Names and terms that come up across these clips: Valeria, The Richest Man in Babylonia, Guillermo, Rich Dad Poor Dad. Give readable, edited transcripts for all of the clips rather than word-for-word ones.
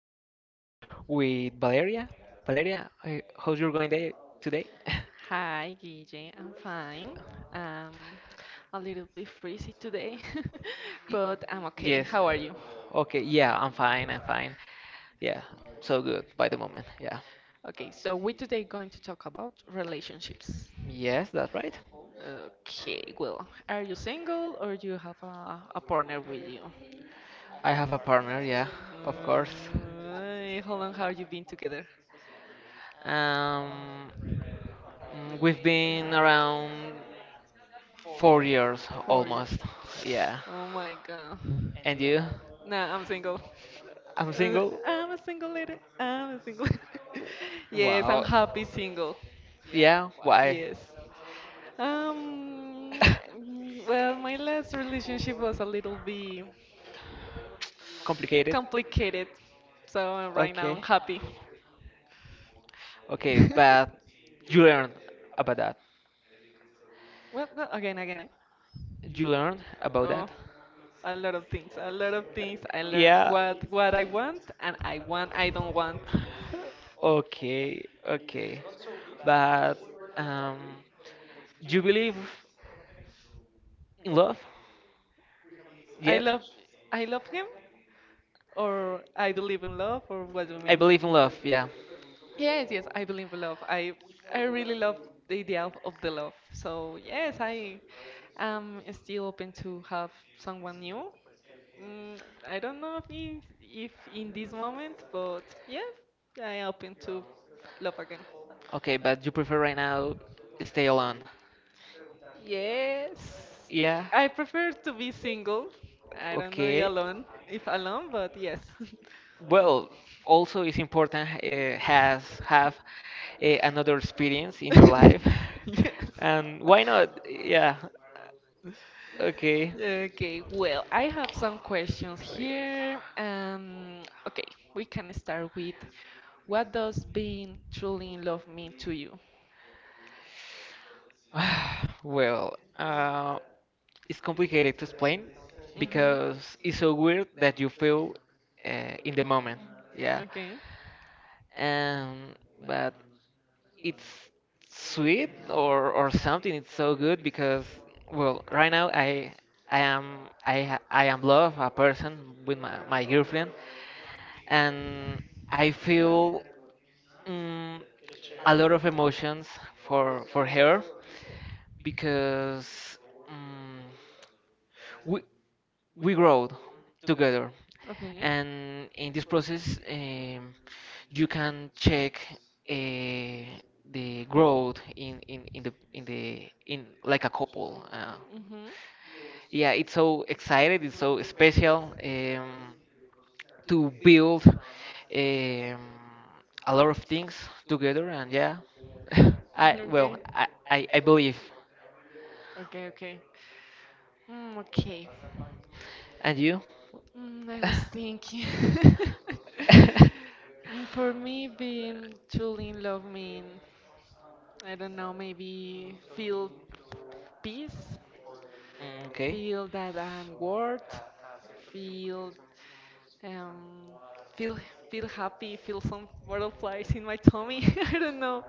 relationships with Valeria. Valeria, how's your going day today? Hi, Guille. I'm fine. Um, a little bit freezy today, but I'm Yes. okay. How are you? Okay, yeah, I'm fine, I'm fine. Yeah, so good by the moment. Yeah. Okay, so we today going to talk about relationships. Yes, that's right. Okay, well, are you single or do you have a partner with you? I have a partner, yeah, of course. How long have you been together? Um, we've been around 4 years Four almost. years. Yeah. Oh my God. And you? Nah, I'm single. I'm Uh, single? I'm a single lady. I'm a single lady. Yes, I'm Wow. happy single. Yeah, why? Yes. Um, well, my last relationship was a little bit Complicated. complicated, so right now Okay. I'm happy. Okay, but you learned about that. Well, again, eh? You learned about Oh, that. a lot of things. A lot of things. I learned Yeah. what I want and I don't want. Okay, okay. But um, do you believe in love I yet? love I love him. Or I believe in love, or what do you I mean? believe in love, yeah. Yes, yes, I believe in love. I really love the idea of the love. So yes, I am still open to have someone new. Mm, I don't know if in this moment, but yeah, I am open to love again. Okay, but you prefer right now stay alone. Yes, Yeah. I prefer to be single. I don't know Okay. alone, if alone, but yes. Well, also it's important, has have, another experience in your life. Yes. And why not? Yeah, okay. Okay, well, I have some questions here. Okay, we can start with what does being truly in love mean to you? Well, it's complicated to explain Mhm. because it's so weird that you feel, in the moment. Yeah. Okay, Um, but it's sweet or something. It's so good because, well, right now I am I am love a person with my girlfriend, and I feel, mm, a lot of emotions for her, because mm we we grow together. okay. And in this process, you can check, uh, the growth in like a couple. Uh, Mhm. yeah, it's so excited, it's so special, to build, a lot of things together. And yeah, I well, Okay. I believe. Okay, okay. Mm, okay. And you? Mm, I was thinking. Mm, for me, being truly in love mean, I don't know, maybe feel peace, Mm, okay. feel that I'm worth, feel um, feel happy, feel some butterflies in my tummy. I don't know.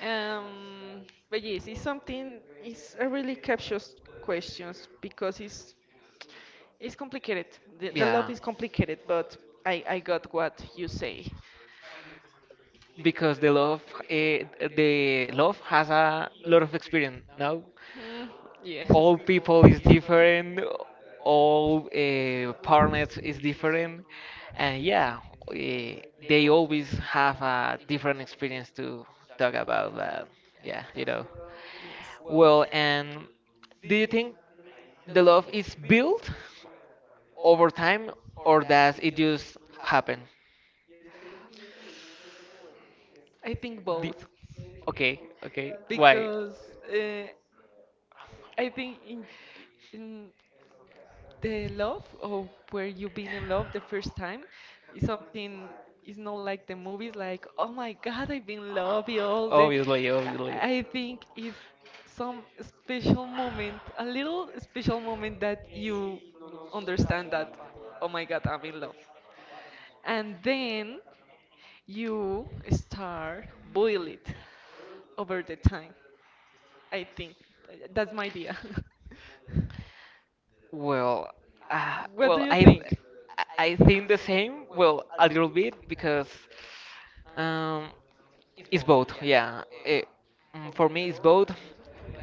But yes, it's something. It's a really captious questions because it's complicated. The Yeah, love is complicated, but I got what you say. because the eh, love has a lot of experience. Now, Mm, yes. all people is different, all, partners is different, and yeah, eh, they always have a different experience to talk about. But yeah. Yes. Well, and do you think the love is built over time, or does it just happen? I think both. Okay, okay. Why? Because uh, I think in the love or where you been in love the first time is something is not like the movies like, oh my god, I've been in love you all the. Obviously, obviously. I think it's some special moment, a little special moment that you understand that, oh my god, I'm in love, and then you start boil it over the time, I think. That's my idea. Well, uh, well, I, Think? I I think the same. Well, a little bit because, um, it's both. Yeah, for me it's both,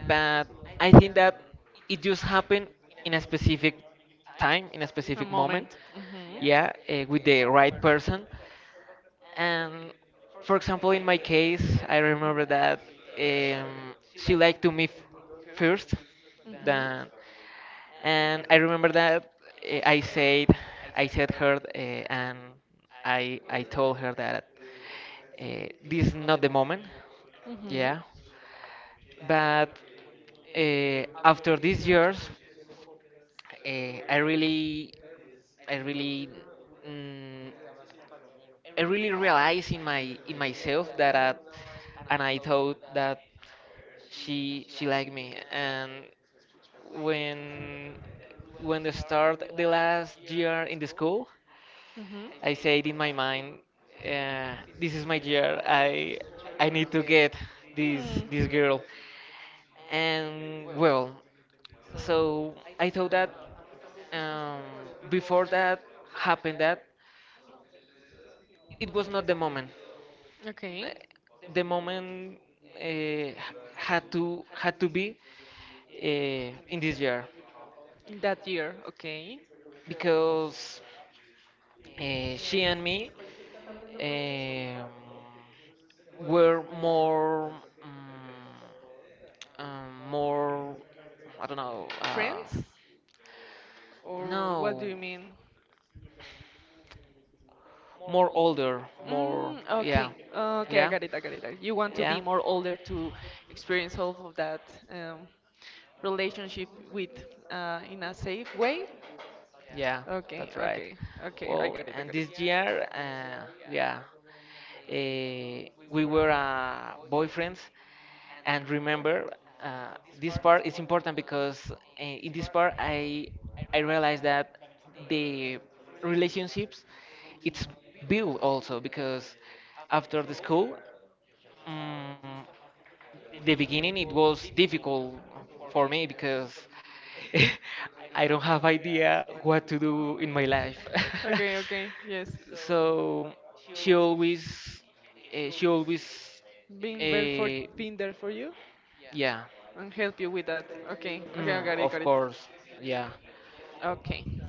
but I think that it just happened in a specific time, in a specific moment. Moment. Yeah, with the right person. And for example, in my case, I remember that, she liked to me first, than, and I remember that, uh, I said, I said her, and I told her that, this is not the moment, Yeah. yeah. But, after these years, uh, I really, I really. mm, I really realized in myself that I, and I thought that she liked me. And when when they start the last year in the school, Mhm. I said in my mind, this is my year. I need to get this Mm. this girl. And, well, so I thought that, um, before that happened, that it was not the moment, uh, Okay. the moment, uh, had to be, in this year. In that year, okay. Because, she and me, um, were more, um, more, I don't know, Friends? Or what do no, you mean? more older, more. Mm, Yeah, okay, okay, I yeah, got it, I got it. I got it. You want to be yeah, more older to experience all of that um, relationship with in a safe way. yeah, Okay, that's right. okay, okay, I Well, got it, I and got it. this year, yeah, uh, we were, boyfriends, and remember, uh, this part is important because, in this part, I realized that the relationships it's built also because after the school, mm the beginning it was difficult for me, because I don't have idea what to do in my life. Okay, okay, yes. So she always, she always, Being there for uh, you yeah, and help you with that. Okay, okay, mm, I got it, of got it. course, yeah. Okay.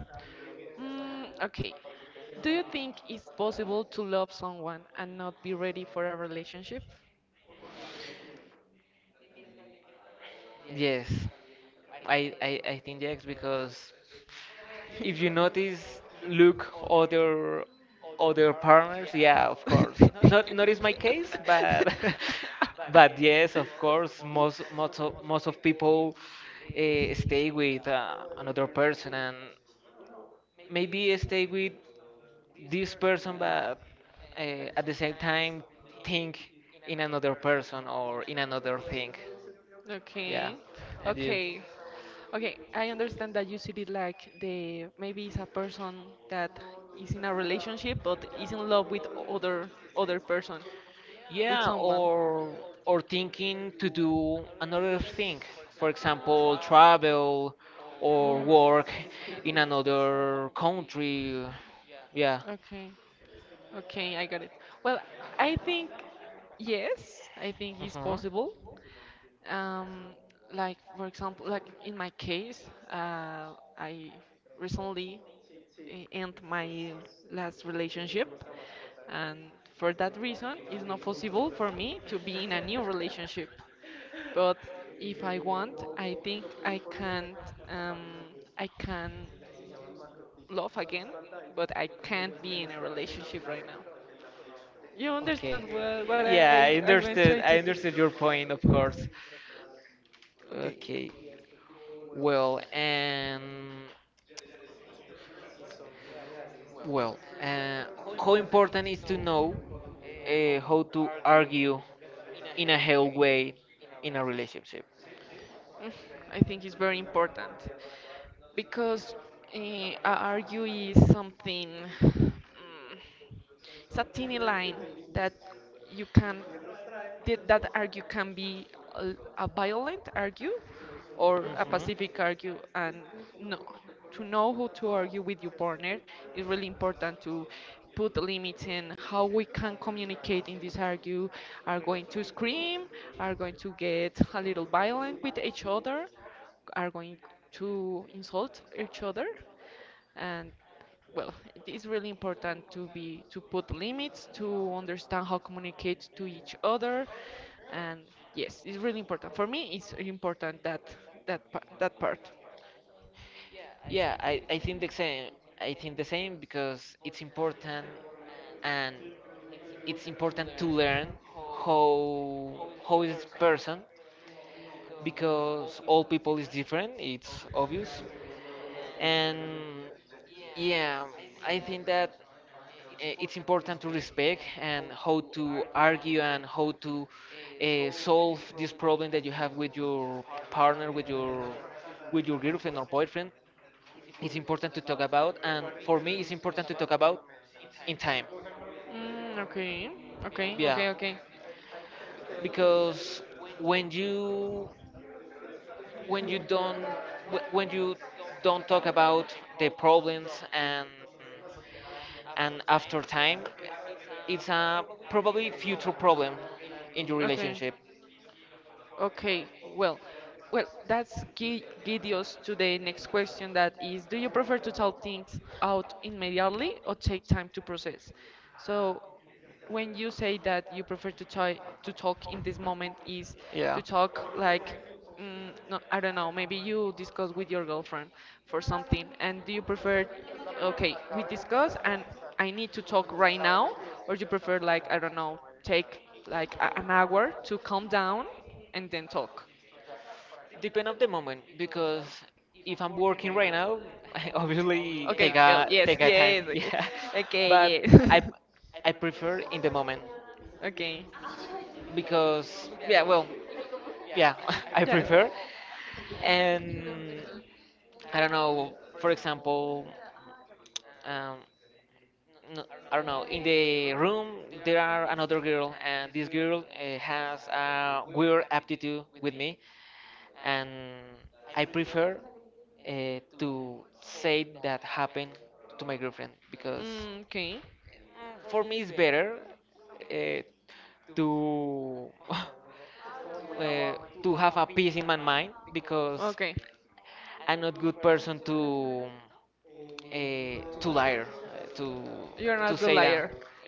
Mm, okay. Do you think it's possible to love someone and not be ready for a relationship? Yes, I think yes because, if you notice, look other partners. Yeah, of course. Not is my case, but but yes, of course. Most of people, stay with, another person, and maybe stay with this person, but, at the same time, think in another person or in another thing. Yeah, Okay. and you. Okay. Okay, I understand that you see it like, the, maybe it's a person that is in a relationship but is in love with other person, with Yeah, someone. or thinking to do another thing, for example, travel or Mm. work in another country. Yeah. Okay. Okay, I got it. Well, I think yes, I think it's Hmm. possible. Um, like for example, like in my case, I recently end my last relationship, and for that reason, it's not possible for me to be in a new relationship. But if I want, I think I can't. Um, I can love again, but I can't be in a relationship right now. You understand Okay. what, I, Yeah, I I'm going to try understood. to do. I understood your point, of course. Okay. Okay. Well, and well, how important is to know, how to argue in a healthy way in a relationship? Mm, I think it's very important because argue is something, mm, it's a tiny line that you can did that argue can be a violent argue or a Uhum. pacific argue, and no, to know who to argue with your partner is really important to put limits in how we can communicate in this argue. Are going to scream, are going to get a little violent with each other, are going to insult each other, and well, it is really important to be to put limits to understand how communicate to each other, and yes, it's really important for me, it's important that that part. Yeah, I think the same. I think the same because it's important, and it's important to learn how how is this person, because all people is different, it's obvious. And yeah, I think that, it's important to respect, and how to argue, and how to, solve this problem that you have with your partner, with your girlfriend or boyfriend. It's important to talk about, and for me, it's important to talk about in time, Mm, okay, okay, yeah. okay, okay, Because when you when you don't when you don't talk about the problems, and after time it's a probably future problem in your okay. relationship, Okay, well, well, that's guide us to the next question that is, do you prefer to tell things out immediately or take time to process? So when you say that you prefer to try to talk in this moment is to yeah. talk like, mm, no, I don't know, maybe you discuss with your girlfriend for something and do you prefer, okay, we discuss and I need to talk right now, or you prefer like, I don't know, take like an hour to calm down and then talk. Depend of the moment, because if I'm working right now, I obviously Okay take girl, a yes, take a time. yes, okay, Yeah, okay, but yes. I I prefer in the moment, Okay. because, yeah, well, yeah, I prefer. And I don't know. For example, um, no, I don't know. In the room, there are another girl, and this girl, has a weird aptitude with me, and I prefer, to say that happened to my girlfriend, because Mm, okay. for me it's better, uh, to Uh, to have a peace in my mind. Because okay. Uh, I'm not good person to, to liar, uh, to liar, to say that.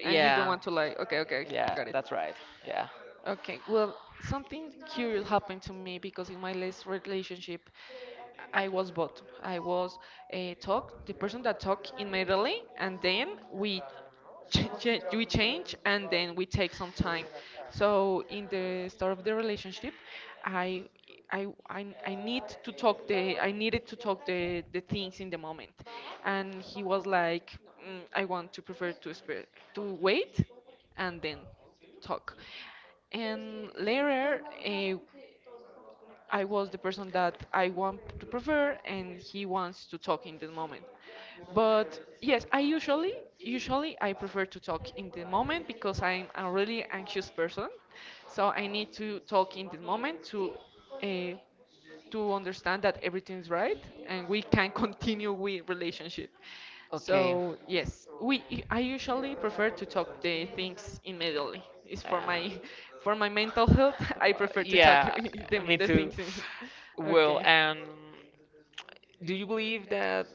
Yeah, want to lie. Okay, okay, yeah, yeah, got it. that's right. Yeah, Okay, well, something curious happened to me because in my last relationship, I was both. I was a talk, the person that talk in, and then we we change, and then we take some time. So in the start of the relationship, I. I, need to talk the, I needed to talk the things in the moment, and he was like, mm, I want to prefer to to wait, and then talk. And later, I was the person that I want to prefer, and he wants to talk in the moment. But yes, I usually, I prefer to talk in the moment because I'm a really anxious person, so I need to talk in the moment uh, to understand that everything's right and we can continue with relationship. okay, So yes, we I usually prefer to talk the things immediately. It's yeah. for my for my mental health. I prefer to talk Yeah, the, me the too. things in. Well, Okay, and do you believe that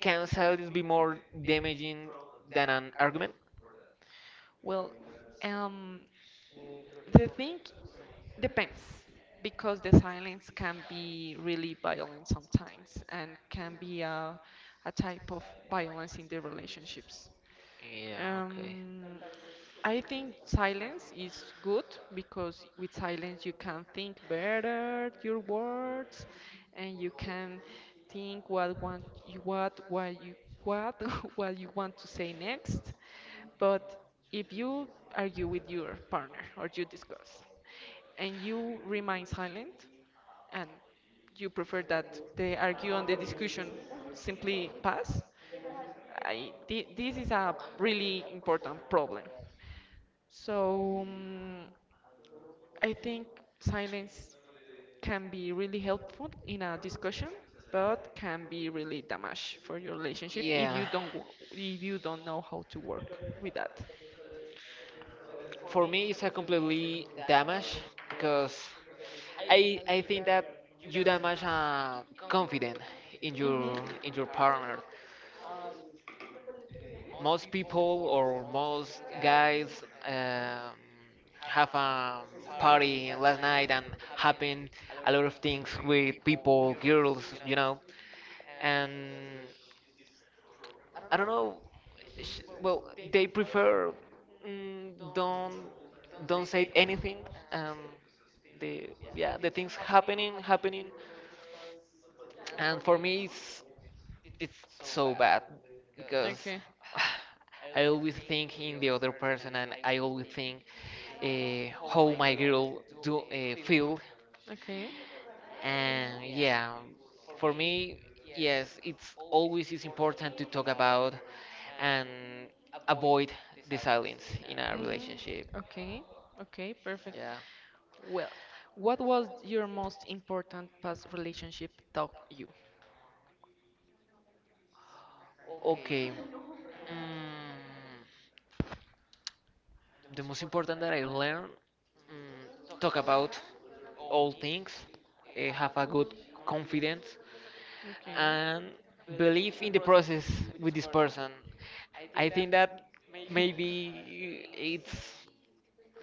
can silence be more damaging than an argument? well, um, the thing depends because the silence can be really violent sometimes and can be a type of violence in the relationships. Yeah, okay. Um, I think silence is good because with silence you can think better your words, and you can think what you what what you want to say next. But if you argue with your partner or you discuss, and you remain silent, and you prefer that the argue and the discussion simply pass, this is a really important problem. So I think silence can be really helpful in a discussion, but can be really damage for your relationship if you Yeah, don't wo- if you don't know how to work with that. for me it's a completely damage, because I think that you damage, confident in Mhm. your in your partner. Most people or most guys, have a party last night, and happen a lot of things with people, girls, and I don't know. Well, they prefer, mm, don't don't say anything, and the yeah the things happening, and for me it's so bad, because Okay. I always think in the other person, and I always think, how my girl do, feel. Okay. And yeah, for me, yes, it's always is important to talk about, and avoid the silence in a Mm, relationship, okay. Okay, perfect. yeah, Well, what was your most important past relationship taught you? okay. Mm, the most important that I learned, talk about all things, have a good confidence, Okay. and believe in the process with this person. I think that maybe it's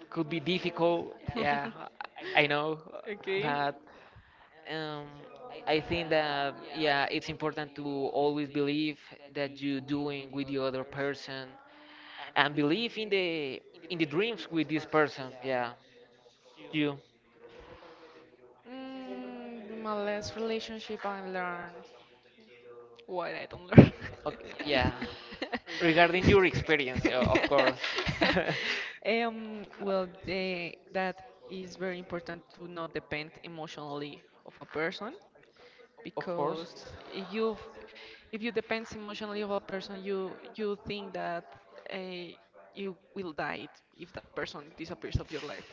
could be difficult. Yeah, I know, Okay. but, um, I think that, yeah, it's important to always believe that you're doing with the other person, and believe in the dreams with this person, yeah. You. Mm, my last relationship I learned what I don't learn. Okay, yeah, regarding your Of experience, of course. course. Um, well, they, that is very important to not depend emotionally of a person. Of course, Because if you depend emotionally of a person, you think that uh, you will die if that person disappears of your life,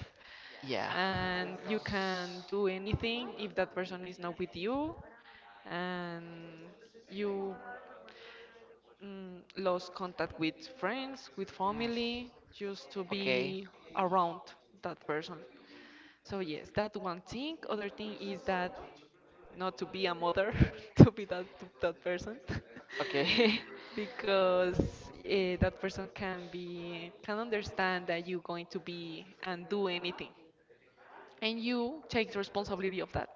yeah. and you can do anything if that person is not with you, and you, mm, lost contact with friends, with family, Mm, just to okay, be around that person. So yes, that one thing. Other thing is that not to be a mother, to be that to that person, okay. because that person can be, can understand that you going to be and do anything, and you take the responsibility of that.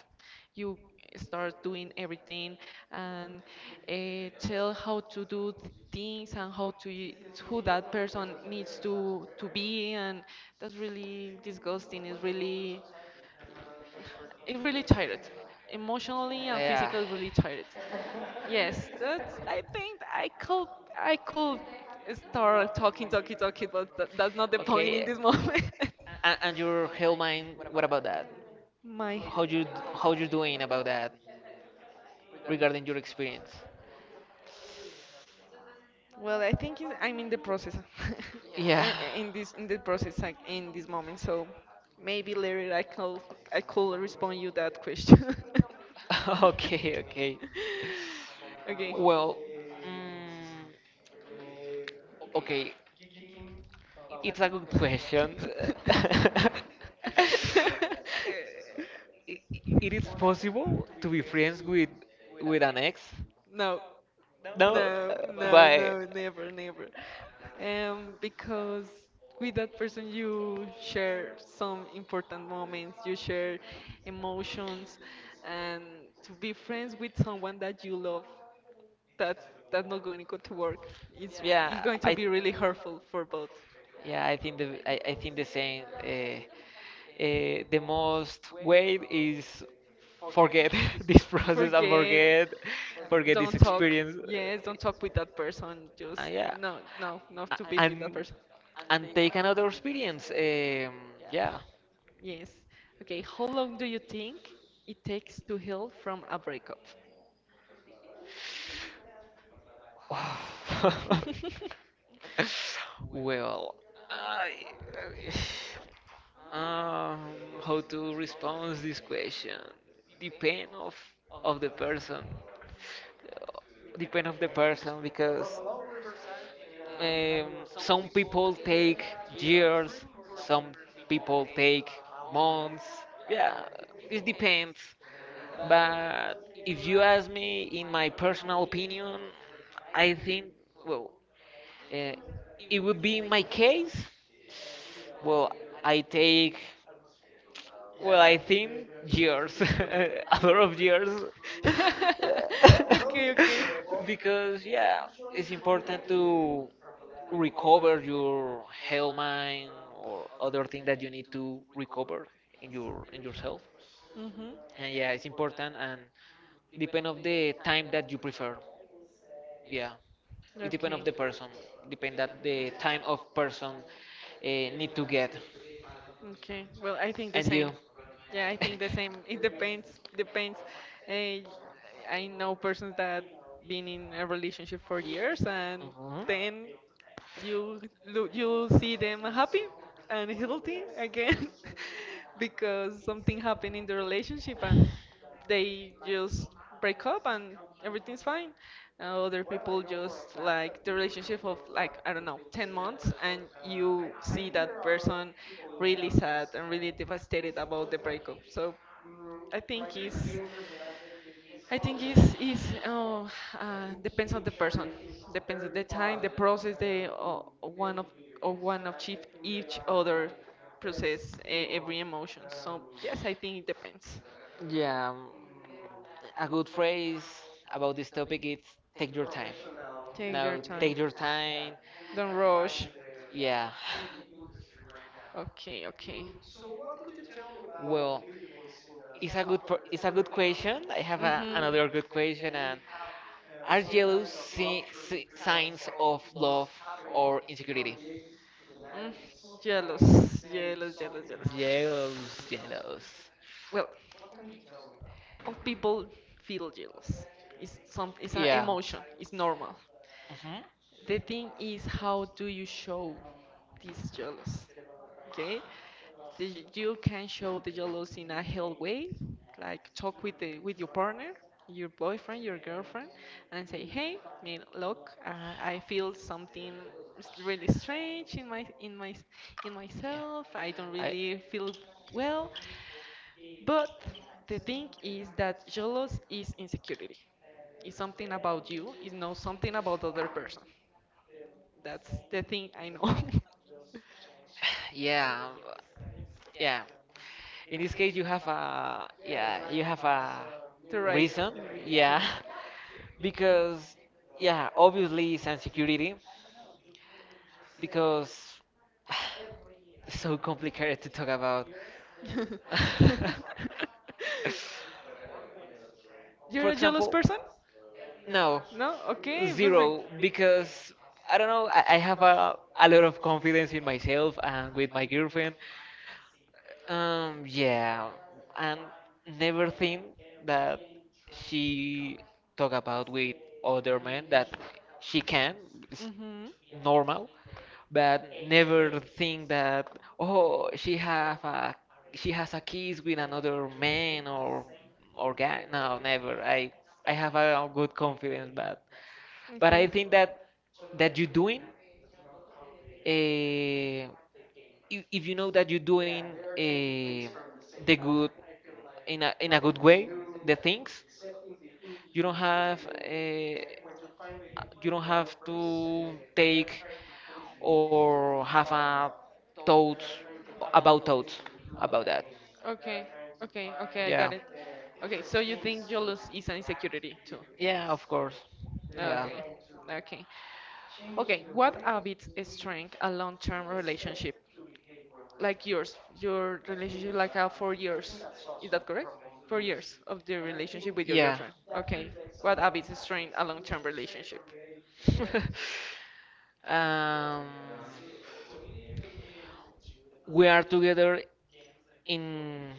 You start doing everything, and tell how to do things and how to who that person needs to be, and that's really disgusting. It's really, it really tired, emotionally and Yeah, physically really tired. Yes, that's. I think I could, I could start talking, talking, talking, but that, that's not the point in okay. this moment. And your health mind, what about that? My. How you how you doing about that, regarding your experience, Well, I think it's, I'm in the process. yeah? In this in the process like, in this moment, so maybe later I could, respond you that question. Okay, okay. Okay. Well, mm, okay. It's a good question. Uh, i- it is possible to be friends with an ex? No. No, No, no, but no, never, never. Because with that person you share some important moments, you share emotions, and to be friends with someone that you love, that that's not going to go to work. It's it's yeah, going to I be really hurtful for both. yeah I think the I, I think the same. The most way is forget this process, and Forget, forget uh, forget this don't talk. experience. Yes, don't talk with that person. Uh, Just yeah, no, no, not A- to be with that and person. and take another experience. Yeah. Yes. Okay, how long do you think it takes to heal from a breakup? Well, I, um, how to respond this question? Depend of the person. Uh, Depend of the person, because, um, some people take years, some people take months. Yeah, it depends. But if you ask me, in my personal opinion, I think, well, uh, it would be my case. Well, I take I think years, a lot of years. Okay, okay. Because, yeah, it's important to recover your health mind, or other thing that you need to recover in yourself. Mm-hmm. And yeah, it's important, and depend of the time that you prefer. Yeah, it depend Okay. of the person. Depend that the time of person, uh, need to get. Okay. Well, I think the And same. you. Yeah, I think the same. It depends. Depends. Uh, I know persons that been in a relationship for years and Mhm. then you look you see them happy and healthy again because something happened in the relationship and they just break up and everything's fine and other people just like the relationship of like I don't know 10 months and you see that person really sad and really devastated about the breakup. So I think it's I think it's oh, depends on the person, depends on the time, the process, the one of or one of chief each other process every emotion. So yes, I think it depends. Yeah, a good phrase about this topic is, take your time. Take your Now, time. take your time. Don't rush. Yeah. Okay, okay. Well, it's a good question. I have Mhm. another good question. And are jealous signs of love or insecurity? Mm, jealous, jealous, jealous. Jealous, jealous. Well, all people feel jealous. It's an Yeah. emotion. It's normal. Hmm. The thing is, how do you show this jealous? Okay, so you can show the jealous in a healthy way, like talk with the with your partner, your boyfriend, your girlfriend, and say, "Hey, man, look, I feel something really strange in Yeah. myself. I don't I really feel well." But the thing is that jealous is insecurity. It's something about you. It's not something about the other person. That's the thing I know. yeah, yeah. In this case, you have a to write. reason, yeah. Yes. Because yeah, obviously it's insecurity, because it's so complicated to talk about. You're For a jealous example. person? No, No? Okay, perfect. zero, because I don't know, I have a lot of confidence in myself and with my girlfriend. Yeah, and never think that she talk about with other men that she can, it's Mm-hmm. normal. But never think that, oh, she has a kiss with another man, or guy. No, never. I have a good confidence, but. But I Okay. think that that you're doing, if, if you know that you're doing, the good in a good way, the things you don't have uh, you don't have to take, or have a thoughts about thoughts about that. Okay. Okay. Okay, I Yeah. got it. Okay, so you think jealous is an insecurity too? Yeah, of course. Yeah. Okay. Okay. Okay, what habits strengthen a long-term relationship like yours? Your relationship like a 4 years, is that correct? 4 years of the I relationship think. with your Yeah. girlfriend. Okay, what habits strengthen a long-term relationship? um, we are together in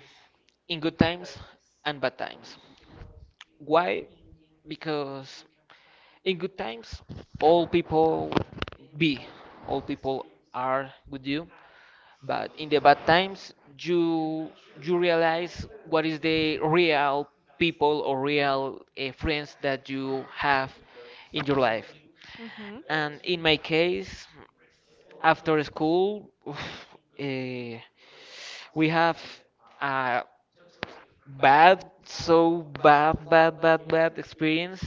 in good times and bad times. Why? Because in good times, all people be, all people are with you, but in the bad times, you you realize what is the real people or real friends that you have in your life. Mm-hmm. And in my case, after school, we have a bad, so bad, bad, bad, bad experience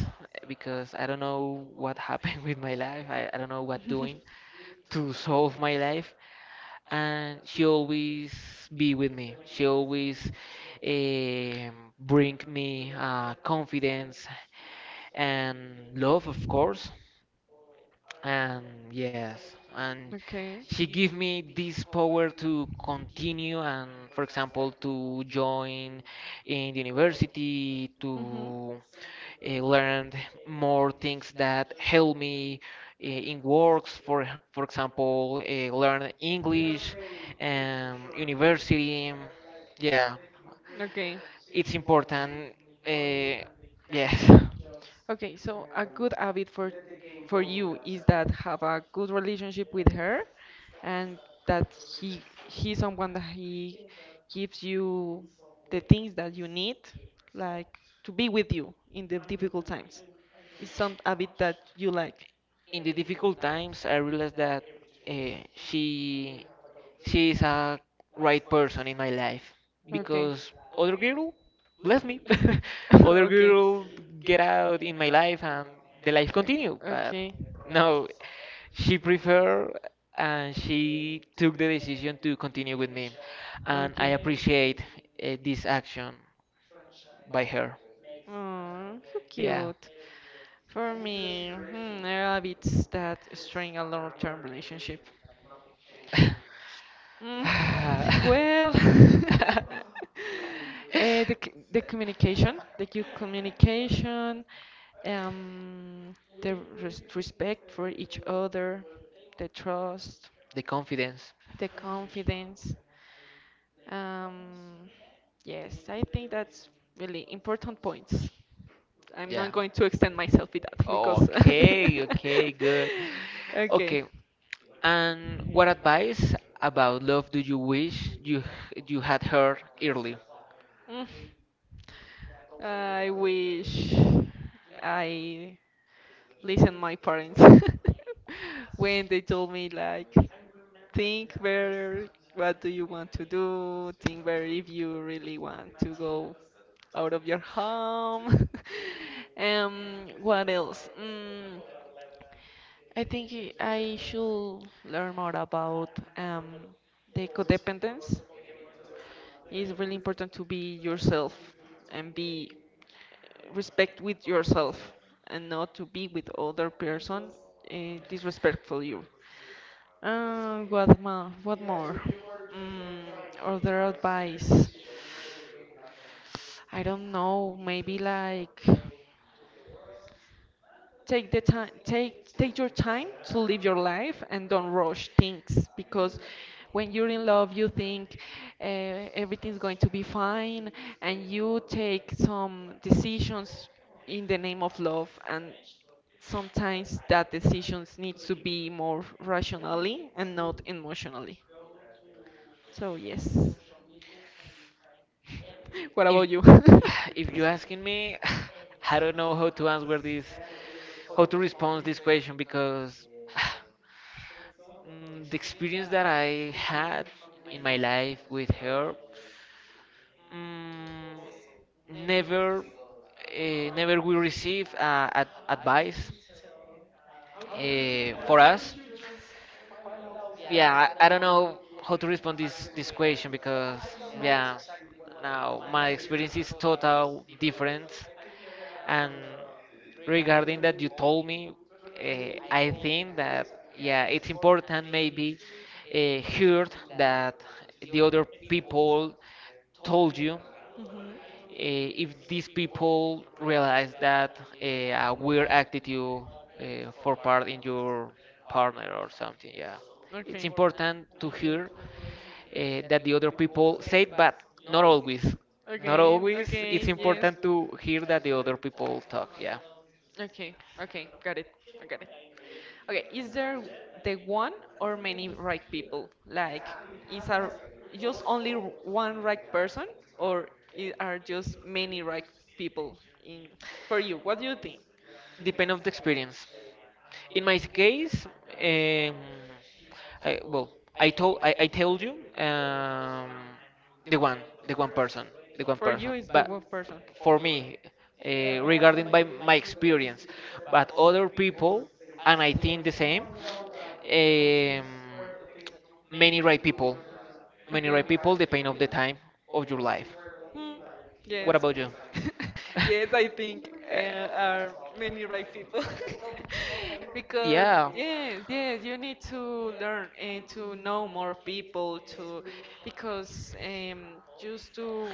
because I don't know what happened with my life. I don't know what doing to solve my life and she always be with me. She always bring me confidence and love, of course. And yes, and Okay. she give me this power to continue and, for example, to join in the university, Mm-hmm. to learned more things that help me in works. For example, learn English, university. Yeah, Okay. it's important. Uh, yes. Okay, so a good habit for you is that have a good relationship with her and that he he's someone that he gives you the things that you need, like to be with you in the difficult times. It's some habit that you like. In the difficult times, I realized that uh, she she is a right person in my life Okay. because other girl, bless me, other Okay. girl get out in my life and the life continue. But Okay. no, she prefer and she took the decision to continue with me, and I Okay. appreciate this action by her. Oh, so Yeah. cute. For me, hmm, there are bits that strain a long-term relationship. Mm, well, the the communication, the good communication, um, the respect for each other, the trust, The confidence. the confidence. Um, yes, I think that's really important points. I'm Yeah. not going to extend myself with that because. Okay, okay, good. Okay. Okay, and what advice about love do you wish you you had heard early? Mm, I wish I listened my parents when they told me like think better what do you want to do think better if you really want to go out of your home. What else? I think I should learn more about um the codependence. It's really important to be yourself and be respect with yourself and not to be with other person disrespectful you. What more? What more? Mm, other advice? I don't know. Maybe like take your time to live your life and don't rush things because when you're in love you think everything's going to be fine and you take some decisions in the name of love, and sometimes that decisions needs to be more rationally and not emotionally. So yes, what If about you? if you're asking me, I don't know how to answer this, how to respond this question because the experience that I had in my life with her, mm, never, never we receive advice for us. Yeah, I don't know how to respond this question because yeah, now my experience is total different. And regarding that you told me, I think that yeah, it's important maybe hear that the other people told you Mhm. if these people realize that a weird attitude for part in your partner or something. Yeah, it's Okay. important to hear that the other people said, but not always. Not Okay, always. It's okay, yes. important to hear that the other people talk. Yeah. Okay, okay, got it. I got it. Okay, is there the one or many right people? Like, is are just only one right person, or are just many right people in for you? What do you think? Depend of the experience. In my case, I, well, I told I told you um, the one the one person the one For person. you, is the But one person. for me, regarding by my experience, but other people, and I think the same. Um, many right people, many right Okay. people depend of the time of your life. Hmm. What Yes. about you? Yes, I think are many right people. Because Yeah. yes, yes, you need to learn and to know more people to because just to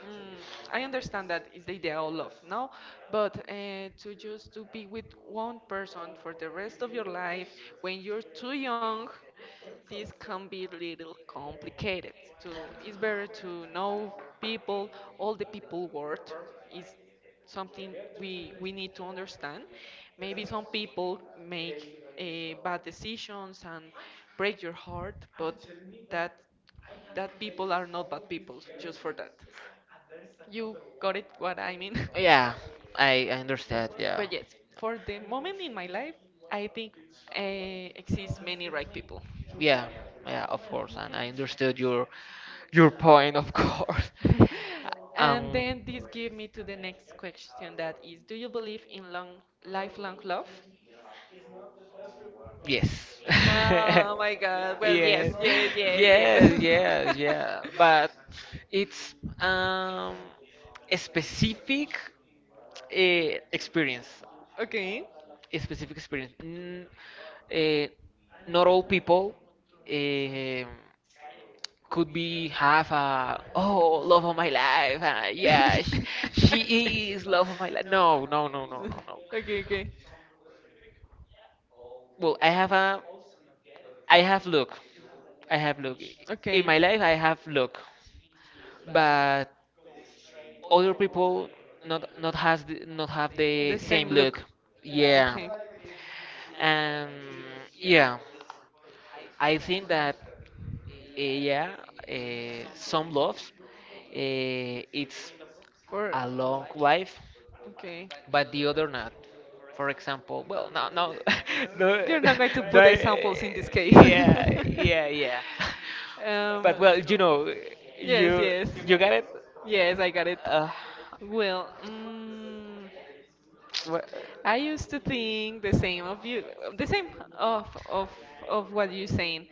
mm, I understand that is the idea of love, no? But to just to be with one person for the rest of your life when you're too young this can be a little complicated. So it's better to know people, all the people world is something we need to understand. Maybe some people make bad decisions and break your heart, but that that people are not bad people just for that. You got it what I mean. Yeah, I understand. Yeah, But yes, for the moment in my life, I think exist many right people. yeah, yeah. Of course, and Mhm. I understood your point, of course. And Um, then this give me to the next question that is do you believe in long lifelong love? yes. Oh my god. Well, yes, Yes, yes, yes, yes, yes. yes, yeah. But it's um a specific experience. Okay. A specific experience. Eh, not all people eh, could be have a oh love of my life. Yeah, she is love of my life. No, no, no, no, no, no. Okay, okay. Well, I have a I have look. I have look. In Okay. my life, I have look, but other people not has the, not have the The same same look. look. Yeah, Okay. and yeah, I think that. Yeah, some loves, it's For a long life, okay. but the other not. For example, well, no, no, no, You're not going to no, put examples in this case. yeah, yeah, yeah. But well, you know, yes, you yes. you got it. Yes, I got it. Uh, Well, wha- I used to think the same of you, the same of of of what you're saying.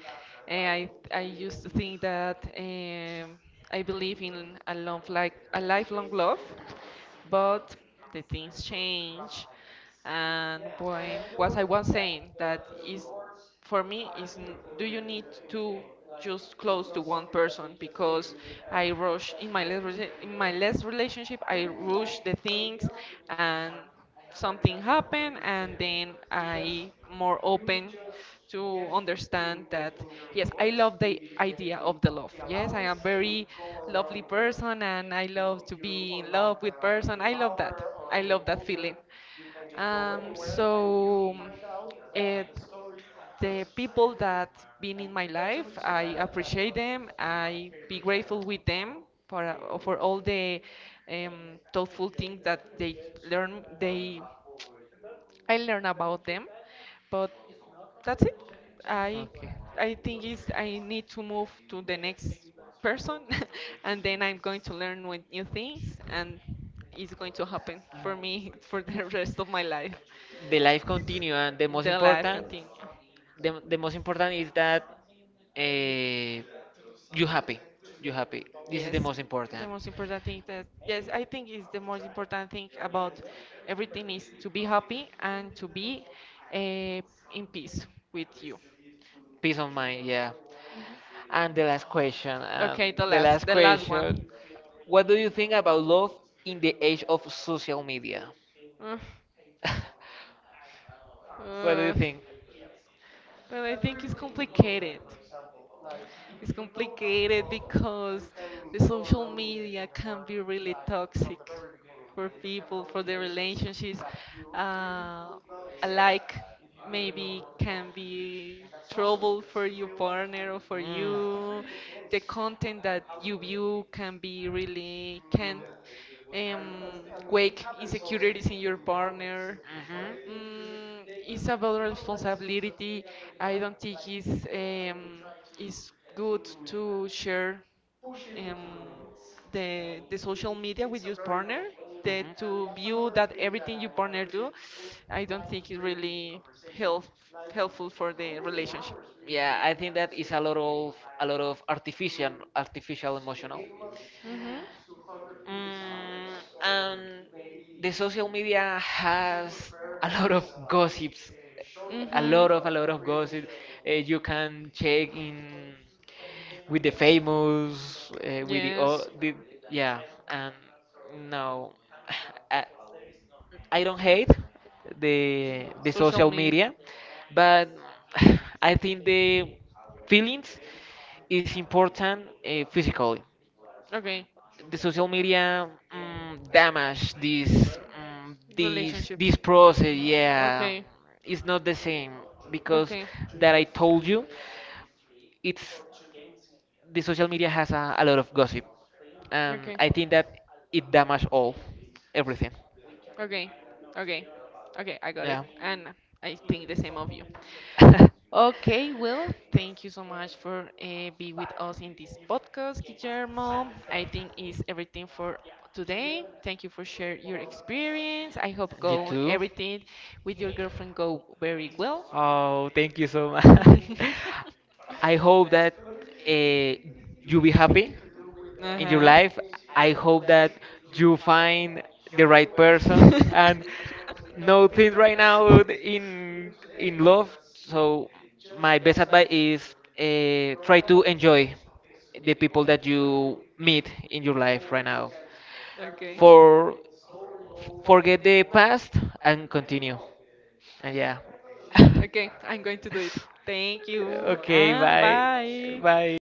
And I used to think that I believe in a long like a lifelong love, but the things change, and when what I was saying that is for me is do you need to just close to one person because I rush in my last rela- in my last relationship I rush the things and something happened and then I more open to understand that yes I love the idea of the love. Yes I am very lovely person and I love to be in love with person. I love that. I love that feeling. So it, the people that been in my life I appreciate them. I be grateful with them for all the thoughtful things that they learn they I learn about them, but that's it. I okay. I think is I need to move to the next person, and then I'm going to learn with new things, and it's going to happen for me for the rest of my life. The life continue and The life continue. The most important is that uh, you happy you happy It's this is Yes, the most the important most important thing that, yes, I think is the most important thing about everything is to be happy and to be uh, in peace with you. peace of mind yeah Mhm. and Okay, the the last, last the last question what do you think about love in the age of social media? one. Uh, What do you uh, think? well, I think it's complicated. It's complicated because the social media can be really toxic for people, for their relationships. Uh, a like maybe can be trouble for your partner or for Mm. you. The content that you view can be really can um, wake insecurities in your partner. Mhm. It's about responsibility. I don't think it's good to share um, the social media with your partner. The, to view that everything your partner do, I don't think it's really help, helpful for the relationship. Yeah, I think that is a lot of artificial artificial emotional. Mhm. Mm, and the social media has a lot of gossips, Mhm. lot of a lot of gossip. You can check in with the famous, with the, oh, the yeah, and no, I, I don't hate the social media, but I think the feelings is important physically. Okay. is The social media damage this a this process. Yeah, Okay. it's not the same because that I told you, it's the social media has a lot of gossip, and I think that it damage all everything. Okay. Okay. Okay. I got it. Yeah. And I think the same of you. Okay, well, thank you so much for being with us in this podcast, Guillermo. I think is everything for today. Thank you for share your experience. I hope You go too. everything with your girlfriend go very well. Oh, thank you so much. I hope that uh, you be happy in your Uh-huh. life. I hope that you find the right person and nothing right now in love. So my best advice is try to enjoy the people that you meet in your life right now. Okay. For forget the past and continue. Yeah. Okay, I'm going to do it. Thank you Okay, and bye. bye. Bye.